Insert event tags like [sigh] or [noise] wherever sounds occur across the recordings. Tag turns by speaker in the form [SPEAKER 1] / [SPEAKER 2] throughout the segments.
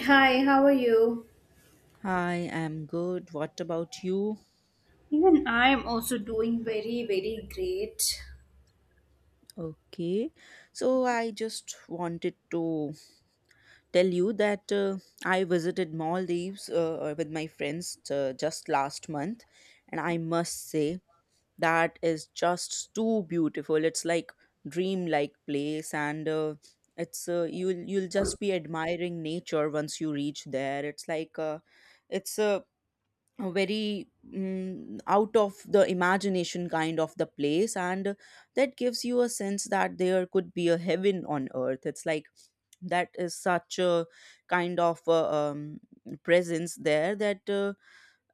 [SPEAKER 1] Hi, how are you?
[SPEAKER 2] Hi, I'm good. What about you?
[SPEAKER 1] Even I am also doing very, very great.
[SPEAKER 2] Okay. So I just wanted to tell you that I visited Maldives with my friends just last month, and I must say that is just too beautiful. It's like dreamlike place, and it's you'll just be admiring nature once you reach there. It's like it's a very out of the imagination kind of the place, and that gives you a sense that there could be a heaven on earth. It's like that is such a kind of presence there that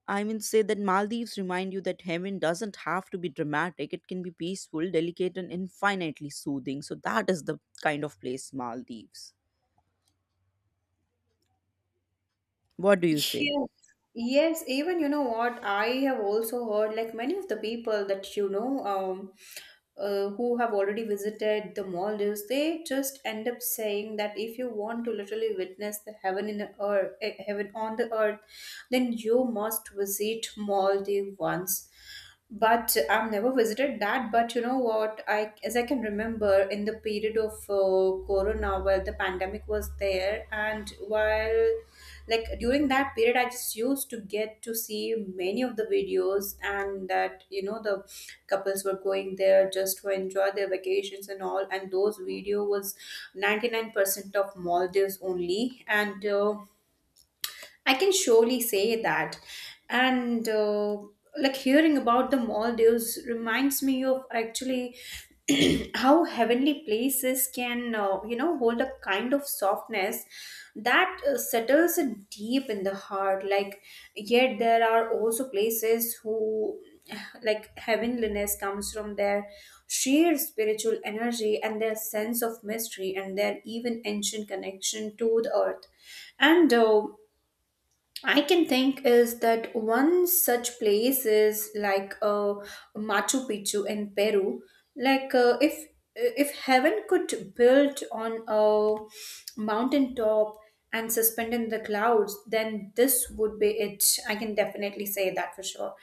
[SPEAKER 2] I mean, say that Maldives remind you that heaven doesn't have to be dramatic. It can be peaceful, delicate, and infinitely soothing. So that is the kind of place Maldives. What do you say?
[SPEAKER 1] Yes, yes, even you know what, I have also heard like many of the people that who have already visited the Maldives, they just end up saying that if you want to literally witness the heaven on the earth, then you must visit Maldives once. But I've never visited that. But you know what? As I can remember, in the period of Corona, where the pandemic was there, and while like during that period I just used to get to see many of the videos, and that you know the couples were going there just to enjoy their vacations and all, and those video was 99% of Maldives only and I can surely say that. And Like hearing about the Maldives reminds me of actually [clears throat] how heavenly places can, you know, hold a kind of softness that settles it deep in the heart. Like, yet there are also places who, [sighs] like, heavenliness comes from their sheer spiritual energy and their sense of mystery and their even ancient connection to the earth. And I can think is that one such place is Machu Picchu in Peru. If heaven could build on a mountain top and suspend in the clouds, then this would be it. I can definitely say that for sure.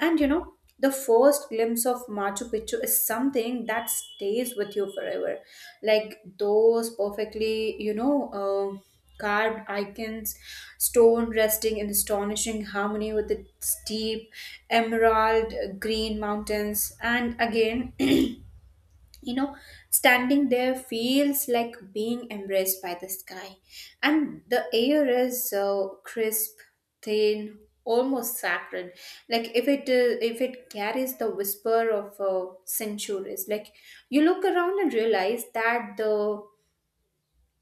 [SPEAKER 1] And you know, the first glimpse of Machu Picchu is something that stays with you forever. Like those perfectly, you know, Uh, carved icons, stone resting in astonishing harmony with its deep emerald green mountains. And again, [clears throat] you know, standing there feels like being embraced by the sky. And the air is so crisp, thin, almost sacred, like if it carries the whisper of centuries. Like, you look around and realize that the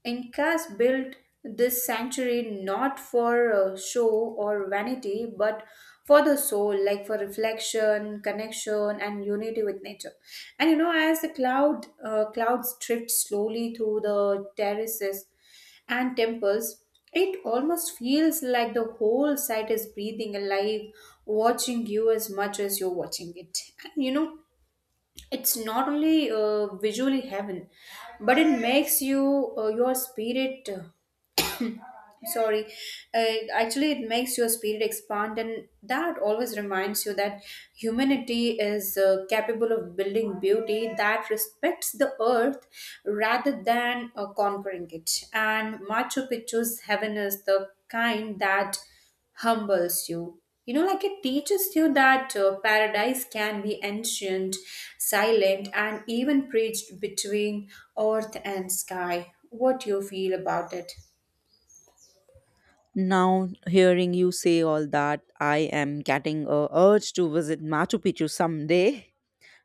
[SPEAKER 1] Incas built this sanctuary not for show or vanity, but for the soul, like for reflection, connection, and unity with nature. And you know, as the clouds drift slowly through the terraces and temples, it almost feels like the whole site is breathing alive, watching you as much as you're watching it. And you know, it's not only visually heaven, but it makes your spirit [coughs] sorry, uh, actually it makes your spirit expand, and that always reminds you that humanity is capable of building beauty that respects the earth rather than conquering it. And Machu Picchu's heaven is the kind that humbles you. You know, like it teaches you that paradise can be ancient, silent, and even preached between earth and sky. What do you feel about it?
[SPEAKER 2] Now, hearing you say all that, I am getting a urge to visit Machu Picchu someday.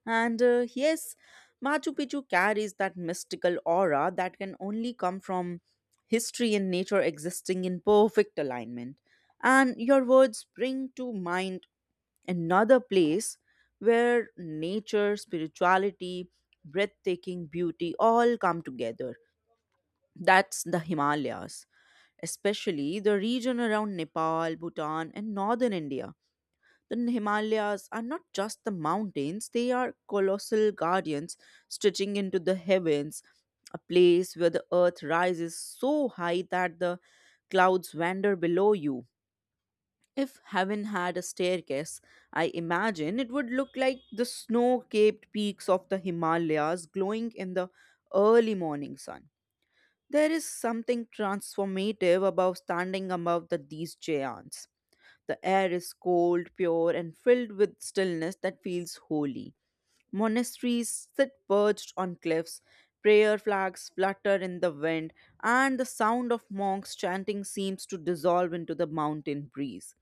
[SPEAKER 2] And yes, Machu Picchu carries that mystical aura that can only come from history and nature existing in perfect alignment. And your words bring to mind another place where nature, spirituality, breathtaking beauty all come together. That's the Himalayas, especially the region around Nepal, Bhutan, and northern India. The Himalayas are not just the mountains, they are colossal guardians stretching into the heavens, a place where the earth rises so high that the clouds wander below you. If heaven had a staircase, I imagine it would look like the snow capped peaks of the Himalayas glowing in the early morning sun. There is something transformative about standing above the, these giants. The air is cold, pure, and filled with stillness that feels holy. Monasteries sit perched on cliffs, prayer flags flutter in the wind, and the sound of monks chanting seems to dissolve into the mountain breeze.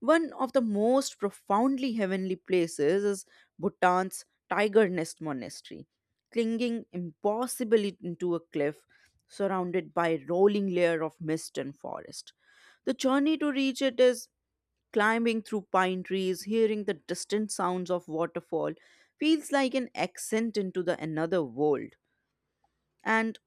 [SPEAKER 2] One of the most profoundly heavenly places is Bhutan's Tiger Nest Monastery, clinging impossibly into a cliff surrounded by a rolling layer of mist and forest. The journey to reach it is climbing through pine trees, hearing the distant sounds of waterfall, feels like an ascent into the another world. And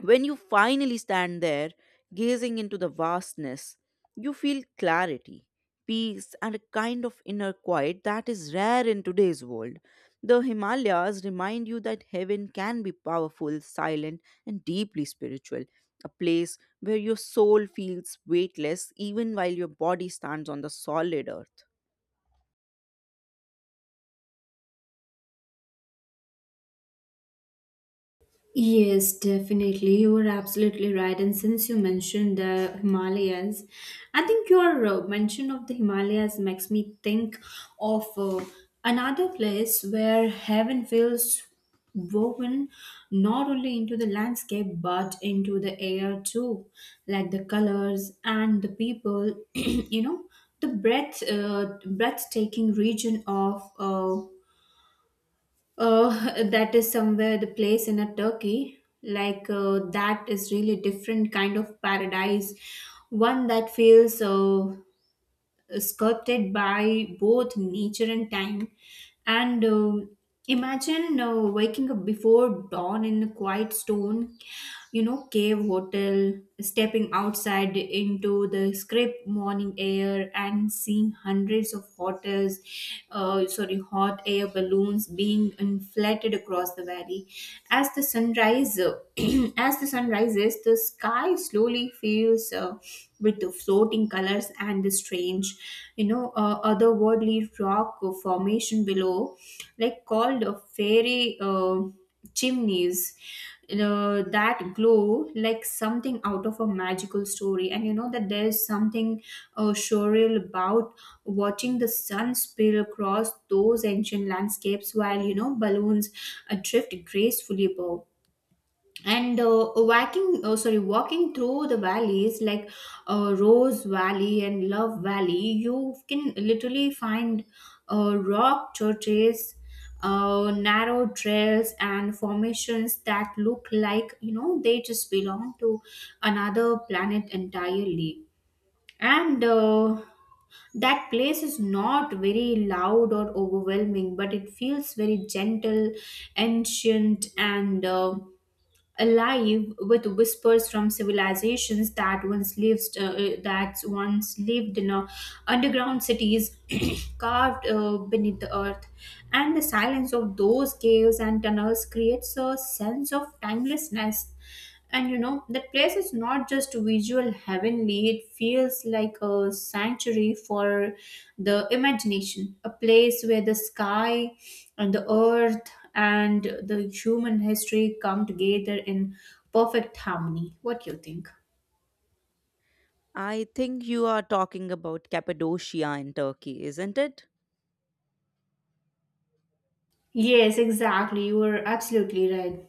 [SPEAKER 2] when you finally stand there, gazing into the vastness, you feel clarity, peace, and a kind of inner quiet that is rare in today's world. The Himalayas remind you that heaven can be powerful, silent, and deeply spiritual, a place where your soul feels weightless even while your body stands on the solid earth.
[SPEAKER 1] Yes, definitely. You are absolutely right. And since you mentioned the Himalayas, I think your mention of the Himalayas makes me think of another place where heaven feels woven not only into the landscape but into the air too, like the colors and the people. [clears throat] You know, the breathtaking region of. That is somewhere, the place in a Turkey. That is really different kind of paradise, one that feels sculpted by both nature and time. And Imagine waking up before dawn in a quiet stone, you know, cave hotel, stepping outside into the crisp morning air and seeing hundreds of hot air balloons being inflated across the valley. As the sunrise, [clears throat] as the sun rises, the sky slowly feels. With the floating colors and the strange, you know, otherworldly rock formation below, like called a fairy chimneys, you know, that glow like something out of a magical story. And you know that there's something surreal about watching the sun spill across those ancient landscapes while you know balloons drift gracefully above. And uh, walking oh, sorry walking through the valleys like Rose Valley and Love Valley, you can literally find rock churches, narrow trails, and formations that look like you know they just belong to another planet entirely. And That place is not very loud or overwhelming, but it feels very gentle, ancient, and alive with whispers from civilizations that once lived in underground cities [clears throat] carved beneath the earth. And the silence of those caves and tunnels creates a sense of timelessness. And you know, that place is not just visual heavenly, it feels like a sanctuary for the imagination, a place where the sky and the earth and the human history come together in perfect harmony. What do you think?
[SPEAKER 2] I think you are talking about Cappadocia in Turkey, isn't it?
[SPEAKER 1] Yes, exactly. You are absolutely right.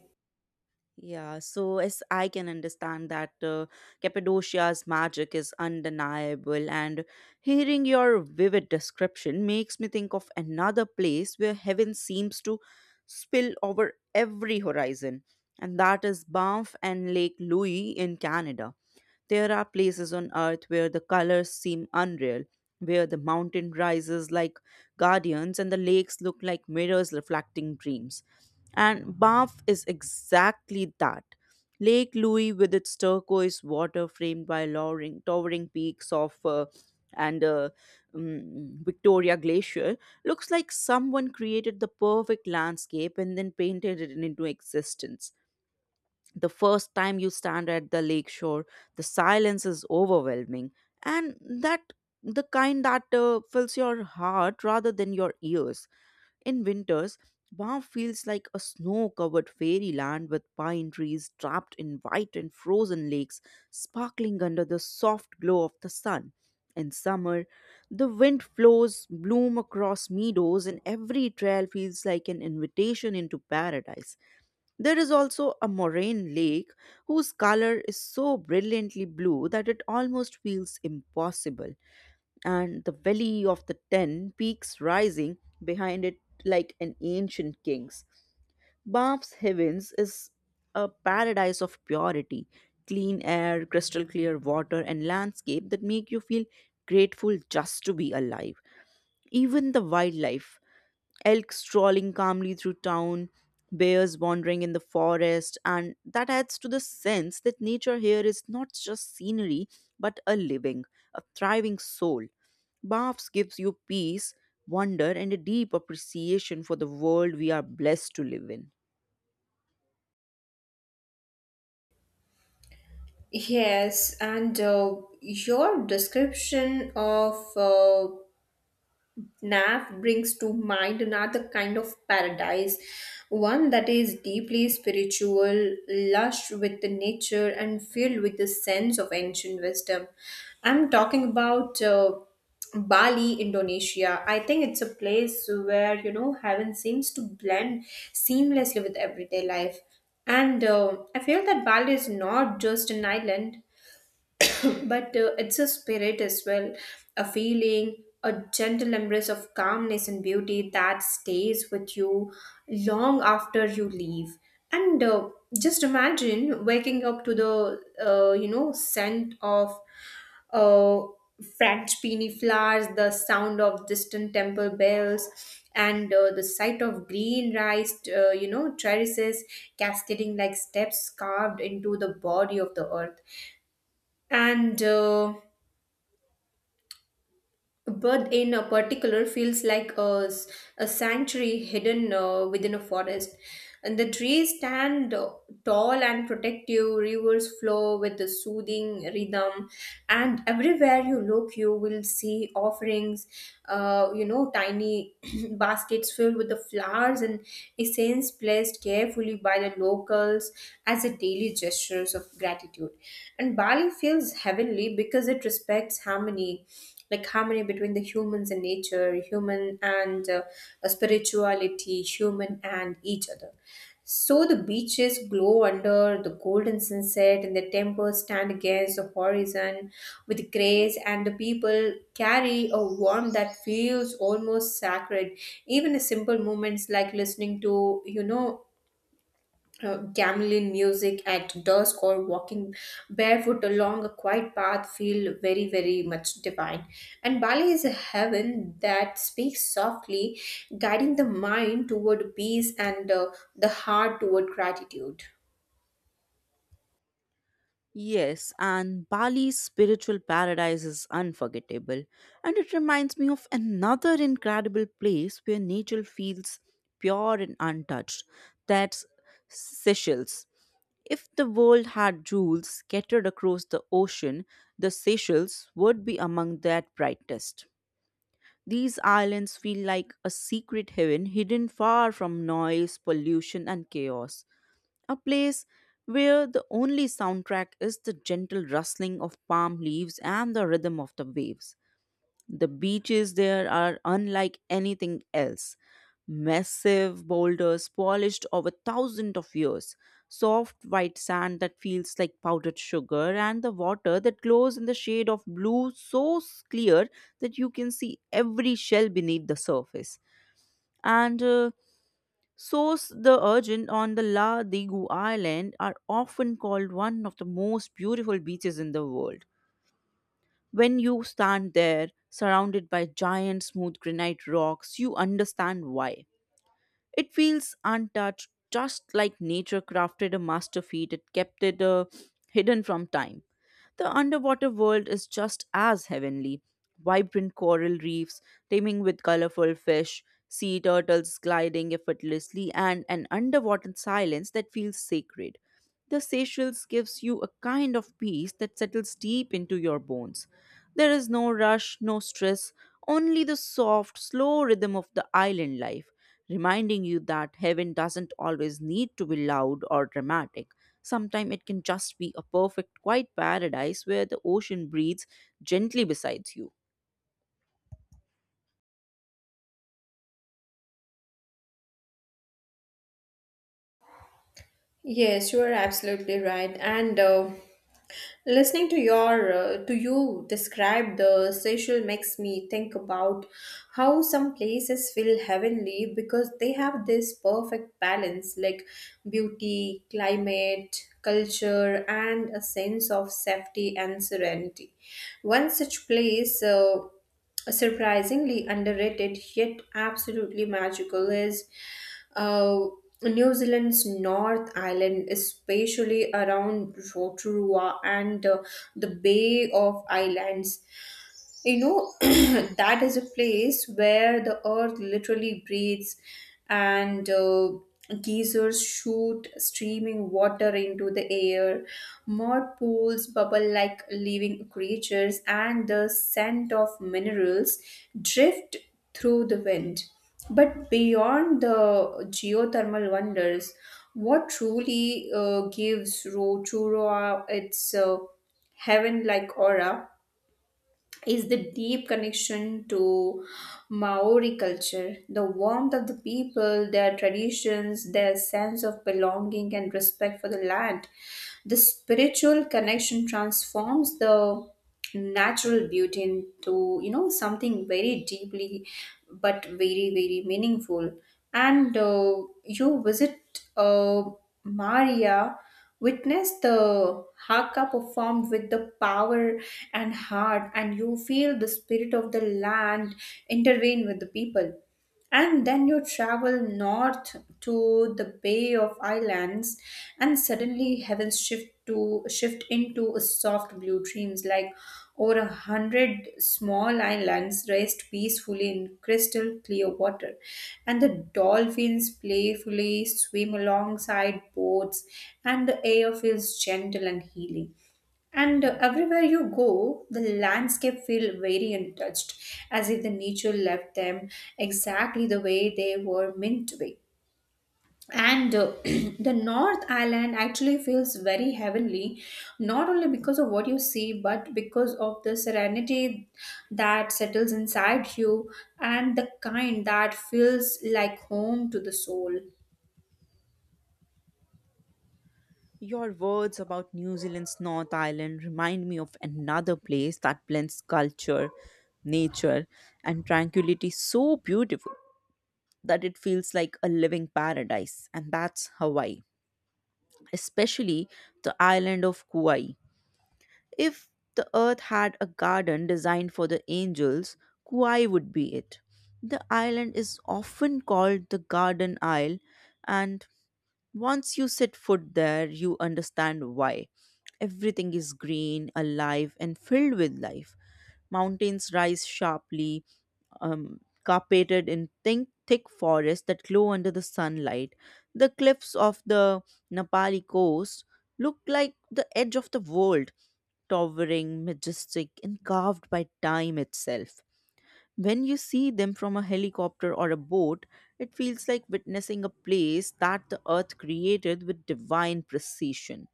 [SPEAKER 2] Yeah, so as I can understand that Cappadocia's magic is undeniable, and hearing your vivid description makes me think of another place where heaven seems to spill over every horizon, and that is Banff and Lake Louise in Canada. There are places on earth where the colors seem unreal, where the mountain rises like guardians and the lakes look like mirrors reflecting dreams. And Banff is exactly that. Lake Louise, with its turquoise water framed by lowering, towering peaks of and Victoria Glacier, looks like someone created the perfect landscape and then painted it into existence. The first time you stand at the lakeshore, the silence is overwhelming, and that the kind that fills your heart rather than your ears. In winters, Bath feels like a snow covered fairyland with pine trees trapped in white and frozen lakes sparkling under the soft glow of the sun. In summer, the wind flows bloom across meadows, and every trail feels like an invitation into paradise. There is also a moraine lake whose color is so brilliantly blue that it almost feels impossible, and the valley of the ten peaks rising behind it like an ancient king's. Bath's Heavens is a paradise of purity, clean air, crystal clear water, and landscape that make you feel grateful just to be alive. Even the wildlife, elk strolling calmly through town, bears wandering in the forest, and that adds to the sense that nature here is not just scenery but a living, a thriving soul. Baths gives you peace, wonder, and a deep appreciation for the world we are blessed to live in.
[SPEAKER 1] Yes, and your description of NAF brings to mind another kind of paradise, one that is deeply spiritual, lush with the nature, and filled with the sense of ancient wisdom. I'm talking about Bali, Indonesia. I think it's a place where you know heaven seems to blend seamlessly with everyday life. And I feel that Bali is not just an island, but it's a spirit as well, a feeling, a gentle embrace of calmness long after eve, and just remember waking up, the uh, scent of uh, French peony flowers, the sound of distant temple bells, and the sight of green rice you know terraces cascading like steps carved into the the earth, and bird in a particular feels like a sanctuary hidden within a forest. And the trees stand tall and protective, rivers flow with a soothing rhythm, and everywhere you look you will see offerings, you know, tiny [clears throat] baskets filled with the flowers and essence placed carefully by the locals as a daily gestures of gratitude. And Bali feels heavenly because it respects harmony, like harmony between the humans and nature, human and spirituality, human and each other. So the beaches glow under the golden sunset, and the temples stand against the horizon with grace, and the people carry a warmth that feels almost sacred. Even the simple moments, like listening to, you know, gamelan music at dusk, or walking barefoot along a quiet path, feel very very much divine. And Bali is a heaven that speaks softly, guiding the mind toward peace and the heart toward gratitude.
[SPEAKER 2] Yes, and Bali's spiritual paradise is unforgettable, and it reminds me of another incredible place where nature feels pure and untouched. That's Seychelles. If the world had jewels scattered across the ocean, the Seychelles would be among that brightest. These islands feel like a secret heaven hidden far from noise, pollution, and chaos, a place where the only soundtrack is the gentle rustling of palm leaves and the rhythm of the waves. The beaches there are unlike anything else. Massive boulders polished over thousands of years, soft white sand that feels like powdered sugar, and the water that glows in the shade of blue so clear that you can see every shell beneath the surface. And Source the urchin on the La Digu Island are often called one of the most beautiful beaches in the world. When you stand there, surrounded by giant smooth granite rocks, you understand why. It feels untouched, just like nature crafted a masterpiece feat. It kept it hidden from time. The underwater world is just as heavenly. Vibrant coral reefs, teeming with colorful fish, sea turtles gliding effortlessly, and an underwater silence that feels sacred. The Seychelles gives you a kind of peace that settles deep into your bones. There is no rush, no stress, only the soft, slow rhythm of the island life reminding you that heaven doesn't always need to be loud or dramatic. Sometimes it can just be a perfect, quiet paradise where the ocean breathes gently beside you.
[SPEAKER 1] Yes, you are absolutely right, and listening to your to you describe the Seychelles makes me think about how some places feel heavenly because they have this perfect balance, like beauty, climate, culture, and a sense of safety and serenity. One such place, surprisingly underrated yet absolutely magical, is uh, New Zealand's North Island, especially around Rotorua and the Bay of Islands. You know, [clears throat] that is a place where the earth literally breathes, and geysers shoot streaming water into the air, mud pools bubble like living creatures, and the scent of minerals drift through the wind. But beyond the geothermal wonders, what truly gives Rotorua its heaven like aura is the deep connection to Maori culture, the warmth of the people, their traditions, their sense of belonging and respect for the land. The spiritual connection transforms the natural beauty into, you know, something very deeply but very, very meaningful. And You visit Maria, witness the haka performed with the power and heart, and you feel the spirit of the land intervene with the people. And then you travel north to the Bay of Islands, and suddenly heavens shift into a soft blue dreams, like over 100 small islands rest peacefully in crystal clear water, and the dolphins playfully swim alongside boats, and the air feels gentle and healing, and everywhere you go, the landscape feel very untouched, as if the nature left them exactly the way they were meant to be. And [clears throat] the North Island actually feels very heavenly, not only because of what you see, but because of the serenity that settles inside you, and the kind that feels like home to the soul.
[SPEAKER 2] Your words about New Zealand's North Island remind me of another place that blends culture, nature, and tranquility so beautiful that it feels like a living paradise, and that's Hawaii, especially the island of Kauai. If the earth had a garden designed for the angels, Kauai would be it. The island is often called the Garden Isle, and once you set foot there, you understand why. Everything is green, alive, and filled with life. Mountains rise sharply, carpeted in thick forests that glow under the sunlight. The cliffs of the Nepali coast look like the edge of the world, towering, majestic, and carved by time itself. When you see them from a helicopter or a boat, it feels like witnessing a place that the earth created with divine precision.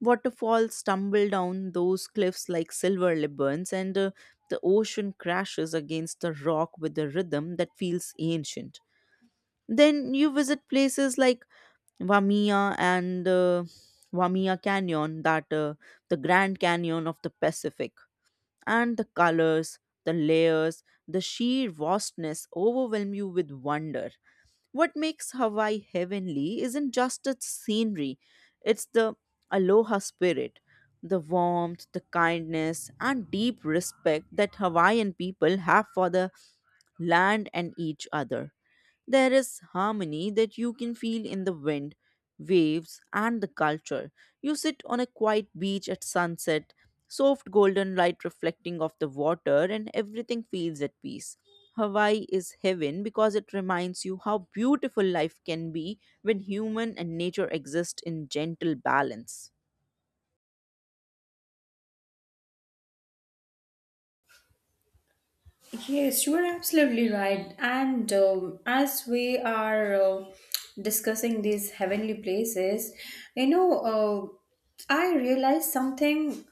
[SPEAKER 2] Waterfalls tumble down those cliffs like silver ribbons, and the ocean crashes against the rock with a rhythm that feels ancient. Then you visit places like Wamia and Wamia Canyon, that the Grand Canyon of the Pacific, and the colors, the layers, the sheer vastness overwhelm you with wonder. What makes Hawaii heavenly isn't just its scenery, it's the aloha spirit, the warmth, the kindness, and deep respect that Hawaiian people have for the land and each other. There is harmony that you can feel in the wind waves, and the culture. You sit on a quiet beach at sunset, soft golden light reflecting off the water, and everything feels at peace. Hawaii is heaven because it reminds you how beautiful life can be when human and nature exist in gentle balance.
[SPEAKER 1] Yes, you are absolutely right. And as we are discussing these heavenly places, you know, I realized something.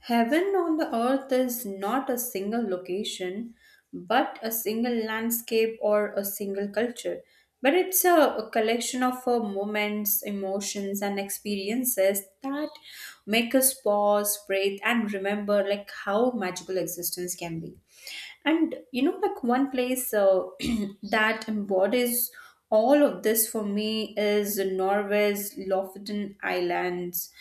[SPEAKER 1] Heaven on the earth is not a single location, but a single landscape or a single culture. But it's a collection of moments, emotions, and experiences that make us pause, breathe, and remember like how magical existence can be. And you know, like one place [clears throat] that embodies all of this for me is Norway's Lofoten Islands.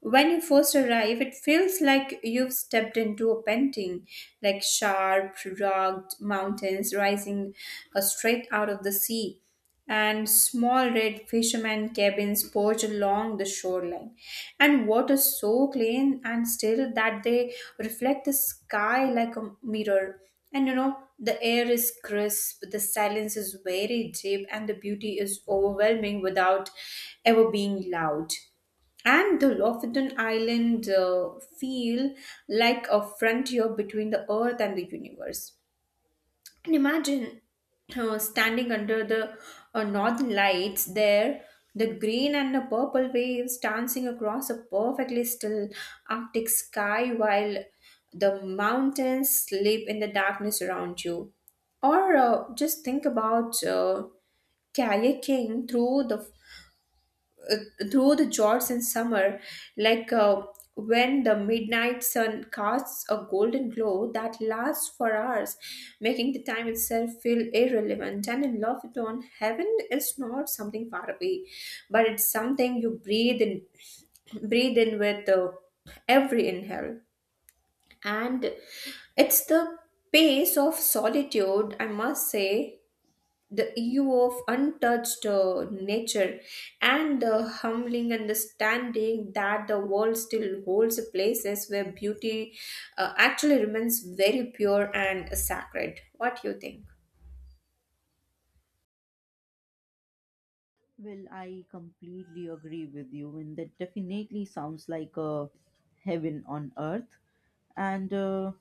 [SPEAKER 1] When you first arrive, it feels like you've stepped into a painting, like sharp, rugged mountains rising straight out of the sea, and small red fishermen cabins perch along the shoreline, and water so clean and still that they reflect the sky like a mirror. And you know, the air is crisp, the silence is very deep, and the beauty is overwhelming without ever being loud. And the Lofoten Island feel like a frontier between the earth and the universe. And imagine standing under the northern lights there, the green and the purple waves dancing across a perfectly still Arctic sky while the mountains sleep in the darkness around you. Or just think about kayaking uh, through the jorts in summer, like when the midnight sun casts a golden glow that lasts for hours, making the time itself feel irrelevant. And in love with dawn, heaven is not something far away, but it's something you breathe in, [clears throat] breathe in with every inhale. And it's the pace of solitude, I must say, the EU of untouched nature and the humbling understanding that the world still holds places where beauty actually remains very pure and sacred. What do you think?
[SPEAKER 2] Well, I completely agree with you, and that definitely sounds like a heaven on earth. And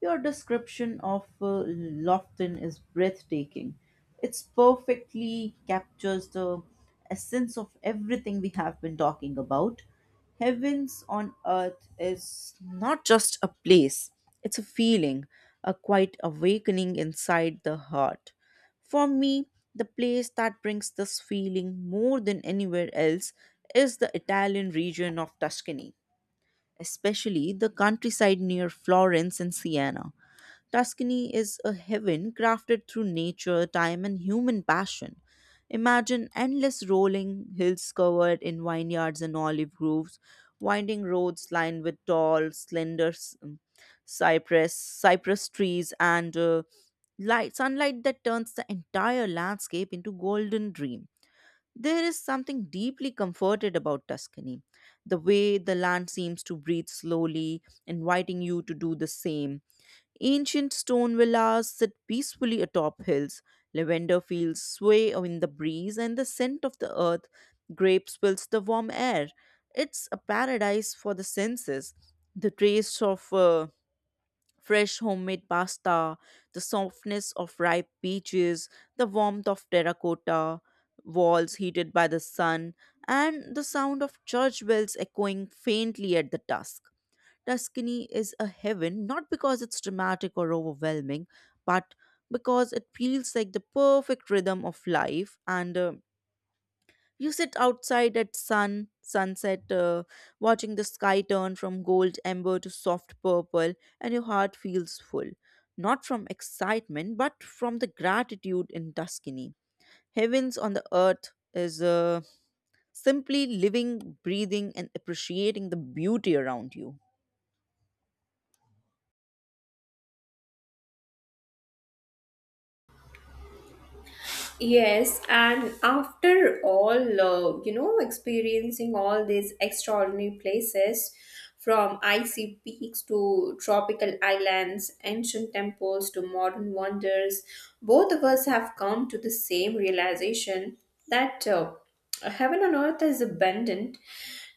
[SPEAKER 2] your description of Lofton is breathtaking. It's perfectly captures the essence of everything we have been talking about. Heavens on earth is not just a place, it's a feeling, a quiet awakening inside the heart. For me, the place that brings this feeling more than anywhere else is the Italian region of Tuscany, especially the countryside near Florence and Siena. Tuscany is a heaven crafted through nature, time, and human passion. Imagine endless rolling hills covered in vineyards and olive groves, winding roads lined with tall, cypress trees, and light sunlight that turns the entire landscape into golden dream. There is something deeply comforted about Tuscany, the way the land seems to breathe slowly, inviting you to do the same. Ancient stone villas sit peacefully atop hills, lavender fields sway in the breeze, and the scent of the earth grapes fills the warm air. It's a paradise for the senses. The taste of fresh homemade pasta, the softness of ripe peaches, the warmth of terracotta walls heated by the sun, and the sound of church bells echoing faintly at the dusk. Tuscany is a heaven not because it's dramatic or overwhelming, but because it feels like the perfect rhythm of life, and you sit outside at sunset, watching the sky turn from gold amber to soft purple, and your heart feels full, not from excitement, but from the gratitude in Tuscany. Heavens on the earth is simply living, breathing, and appreciating the beauty around you.
[SPEAKER 1] Yes, and after all, you know, experiencing all these extraordinary places from icy peaks to tropical islands, ancient temples to modern wonders, both of us have come to the same realization that. Heaven on earth is abundant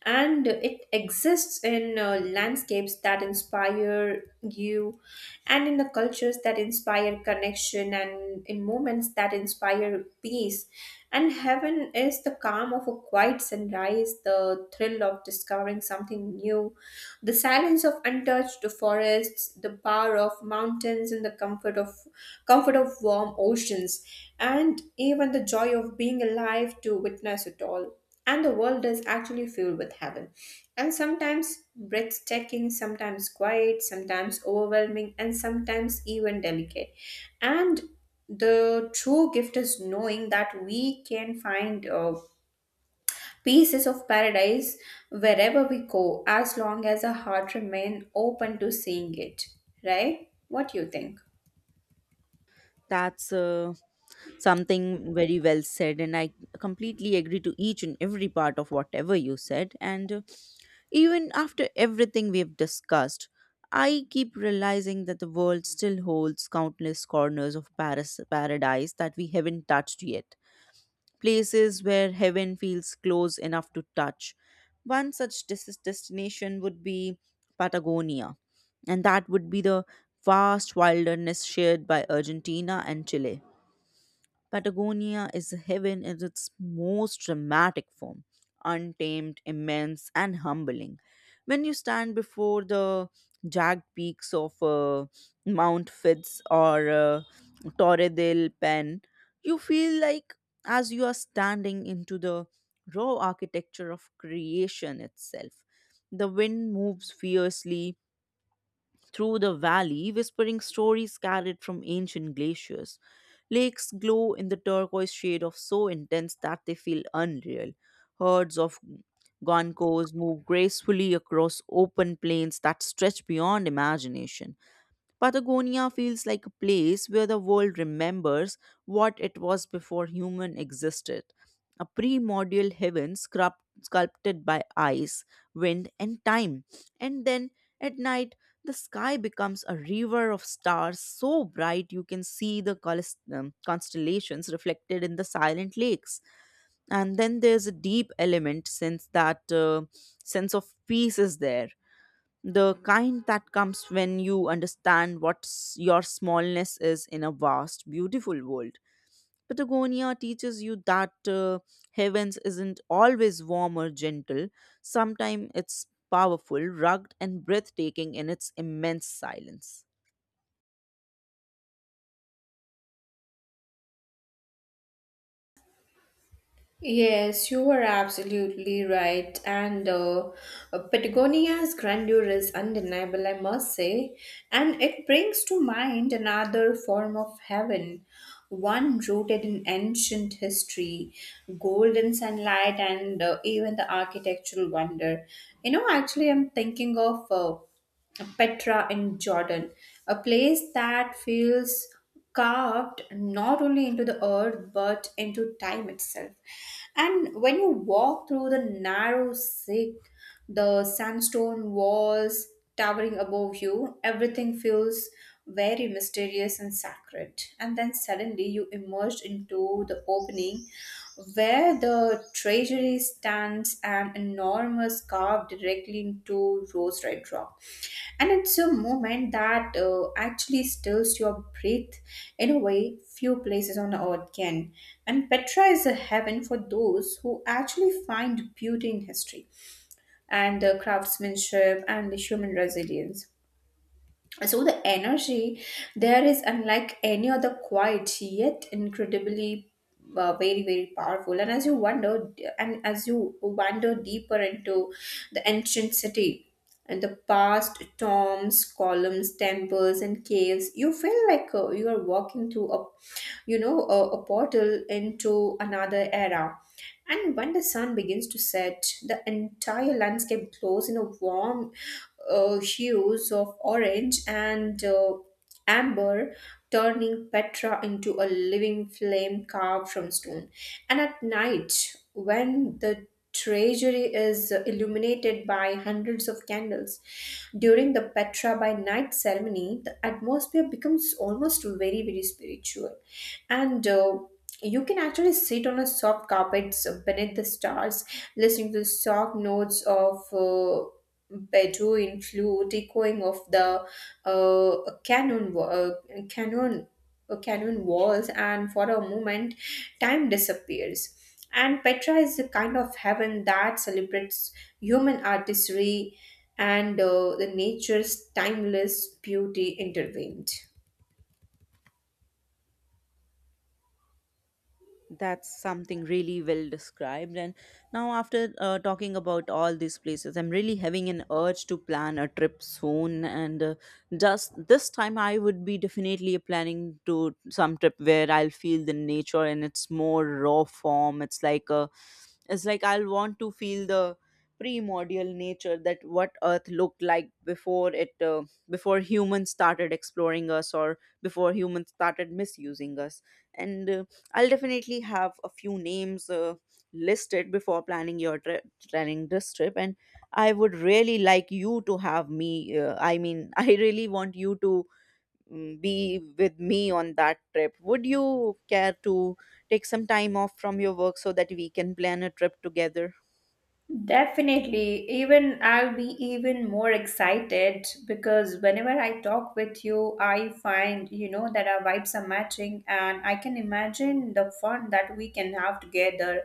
[SPEAKER 1] and it exists in landscapes that inspire you and in the cultures that inspire connection and in moments that inspire peace. And heaven is the calm of a quiet sunrise, the thrill of discovering something new, the silence of untouched forests, the power of mountains and the comfort of warm oceans and even the joy of being alive to witness it all. And the world is actually filled with heaven. And sometimes breathtaking, sometimes quiet, sometimes overwhelming, and sometimes even delicate. And the true gift is knowing that we can find peace is of paradise wherever we go, as long as our heart remain open to seeing it. Right? What you think?
[SPEAKER 2] That's something very well said, and I completely agree to each and every part of whatever you said. And even after everything we've discussed, I keep realizing that the world still holds countless corners of paradise that we haven't touched yet. Places where heaven feels close enough to touch. One such destination would be Patagonia, and that would be the vast wilderness shared by Argentina and Chile. Patagonia is heaven in its most dramatic form, untamed, immense, and humbling. When you stand before the jagged peaks of Mount Fitz or Torre del Paine, you feel like as you are standing into the raw architecture of creation itself. The wind moves fiercely, through the valley, whispering stories carried from ancient glaciers. Lakes glow in the turquoise shade of so intense that they feel unreal. Herds of gonkos move gracefully across open plains that stretch beyond imagination. Patagonia feels like a place where the world remembers what it was before human existed, a primordial heaven sculpted by ice, wind, and time. And then at night, the sky becomes a river of stars so bright you can see the constellations reflected in the silent lakes. And then there's a deep element since that sense of peace is there, the kind that comes when you understand what your smallness is in a vast, beautiful world. Patagonia teaches you that heavens isn't always warm or gentle. Sometimes it's powerful, rugged, and breathtaking in its immense silence.
[SPEAKER 1] Yes, you are absolutely right. And Patagonia's grandeur is undeniable, I must say. And it brings to mind another form of heaven, one rooted in ancient history, golden sunlight, and even the architectural wonder. You know, actually, I'm thinking of Petra in Jordan, a place that feels carved not only into the earth but into time itself. And when you walk through the narrow sikh, the sandstone walls towering above you, everything feels very mysterious and sacred. And then suddenly you emerge into the opening where the treasury stands an enormous carved directly into rose red rock, and it's a moment that actually stills your breath in a way few places on earth can. And Petra is a heaven for those who actually find beauty in history and the craftsmanship and the human resilience. So the energy there is unlike any other, quiet, yet incredibly very very powerful. And as you wander deeper into the ancient city and the past tombs, columns, temples, and caves, you feel like you are walking through a you know, a portal into another era. And when the sun begins to set, the entire landscape glows in a warm hues of orange and amber, turning Petra into a living flame carved from stone. And at night, when the treasury is illuminated by hundreds of candles during the Petra by night ceremony, the atmosphere becomes almost very very spiritual, and you can actually sit on a soft carpet beneath the stars listening to the soft notes of bedouin flute echoing of the canon wa- canon canon walls, and for a moment time disappears. And Petra is the kind of heaven that celebrates human artistry and the nature's timeless beauty intervened.
[SPEAKER 2] That's something really well described. And now, after talking about all these places, I'm really having an urge to plan a trip soon. And just this time, I would be definitely planning to some trip where I'll feel the nature in its more raw form. It's like a it's like I'll want to feel the primordial nature that what Earth looked like before it, before humans started exploring us or before humans started misusing us. And I'll definitely have a few names listed before planning your planning this trip, and I would really like you to have me. I mean, [laughs] I really want you to be with me on that trip. Would you care to take some time off from your work so that we can plan a trip together?
[SPEAKER 1] Definitely. Even I'll be even more excited because whenever I talk with you, I find, you know, that our vibes are matching and I can imagine the fun that we can have together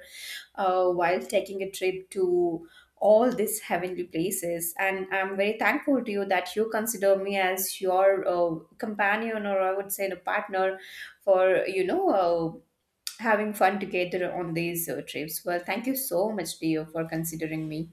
[SPEAKER 1] while taking a trip to all these heavenly places. And I'm very thankful to you that you consider me as your companion or I would say the partner for, you know, uh, having fun together on these trips. Well, thank you so much, dear, for considering me.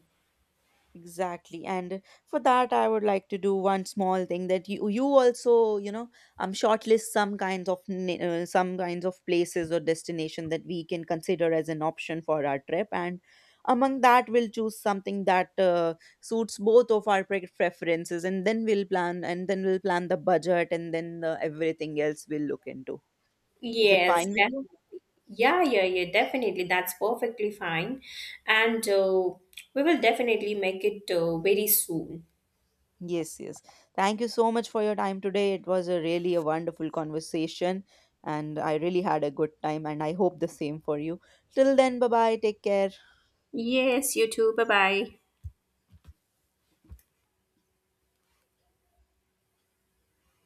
[SPEAKER 2] Exactly. And for that, I would like to do one small thing, that you also, you know, shortlist some kinds of some kinds of places or destination that we can consider as an option for our trip. And among that, we'll choose something that suits both of our preferences, and then we'll plan, and then we'll plan the budget, and then the, everything else we'll look into. Is it
[SPEAKER 1] Yes,
[SPEAKER 2] fine with you?
[SPEAKER 1] definitely. Yeah, yeah, yeah, definitely. That's perfectly fine. And we will definitely make it very soon.
[SPEAKER 2] Yes, yes. Thank you so much for your time today. It was a really a wonderful conversation and I really had a good time and I hope the same for you. Till then, bye-bye. Take care.
[SPEAKER 1] Yes, you too. Bye bye.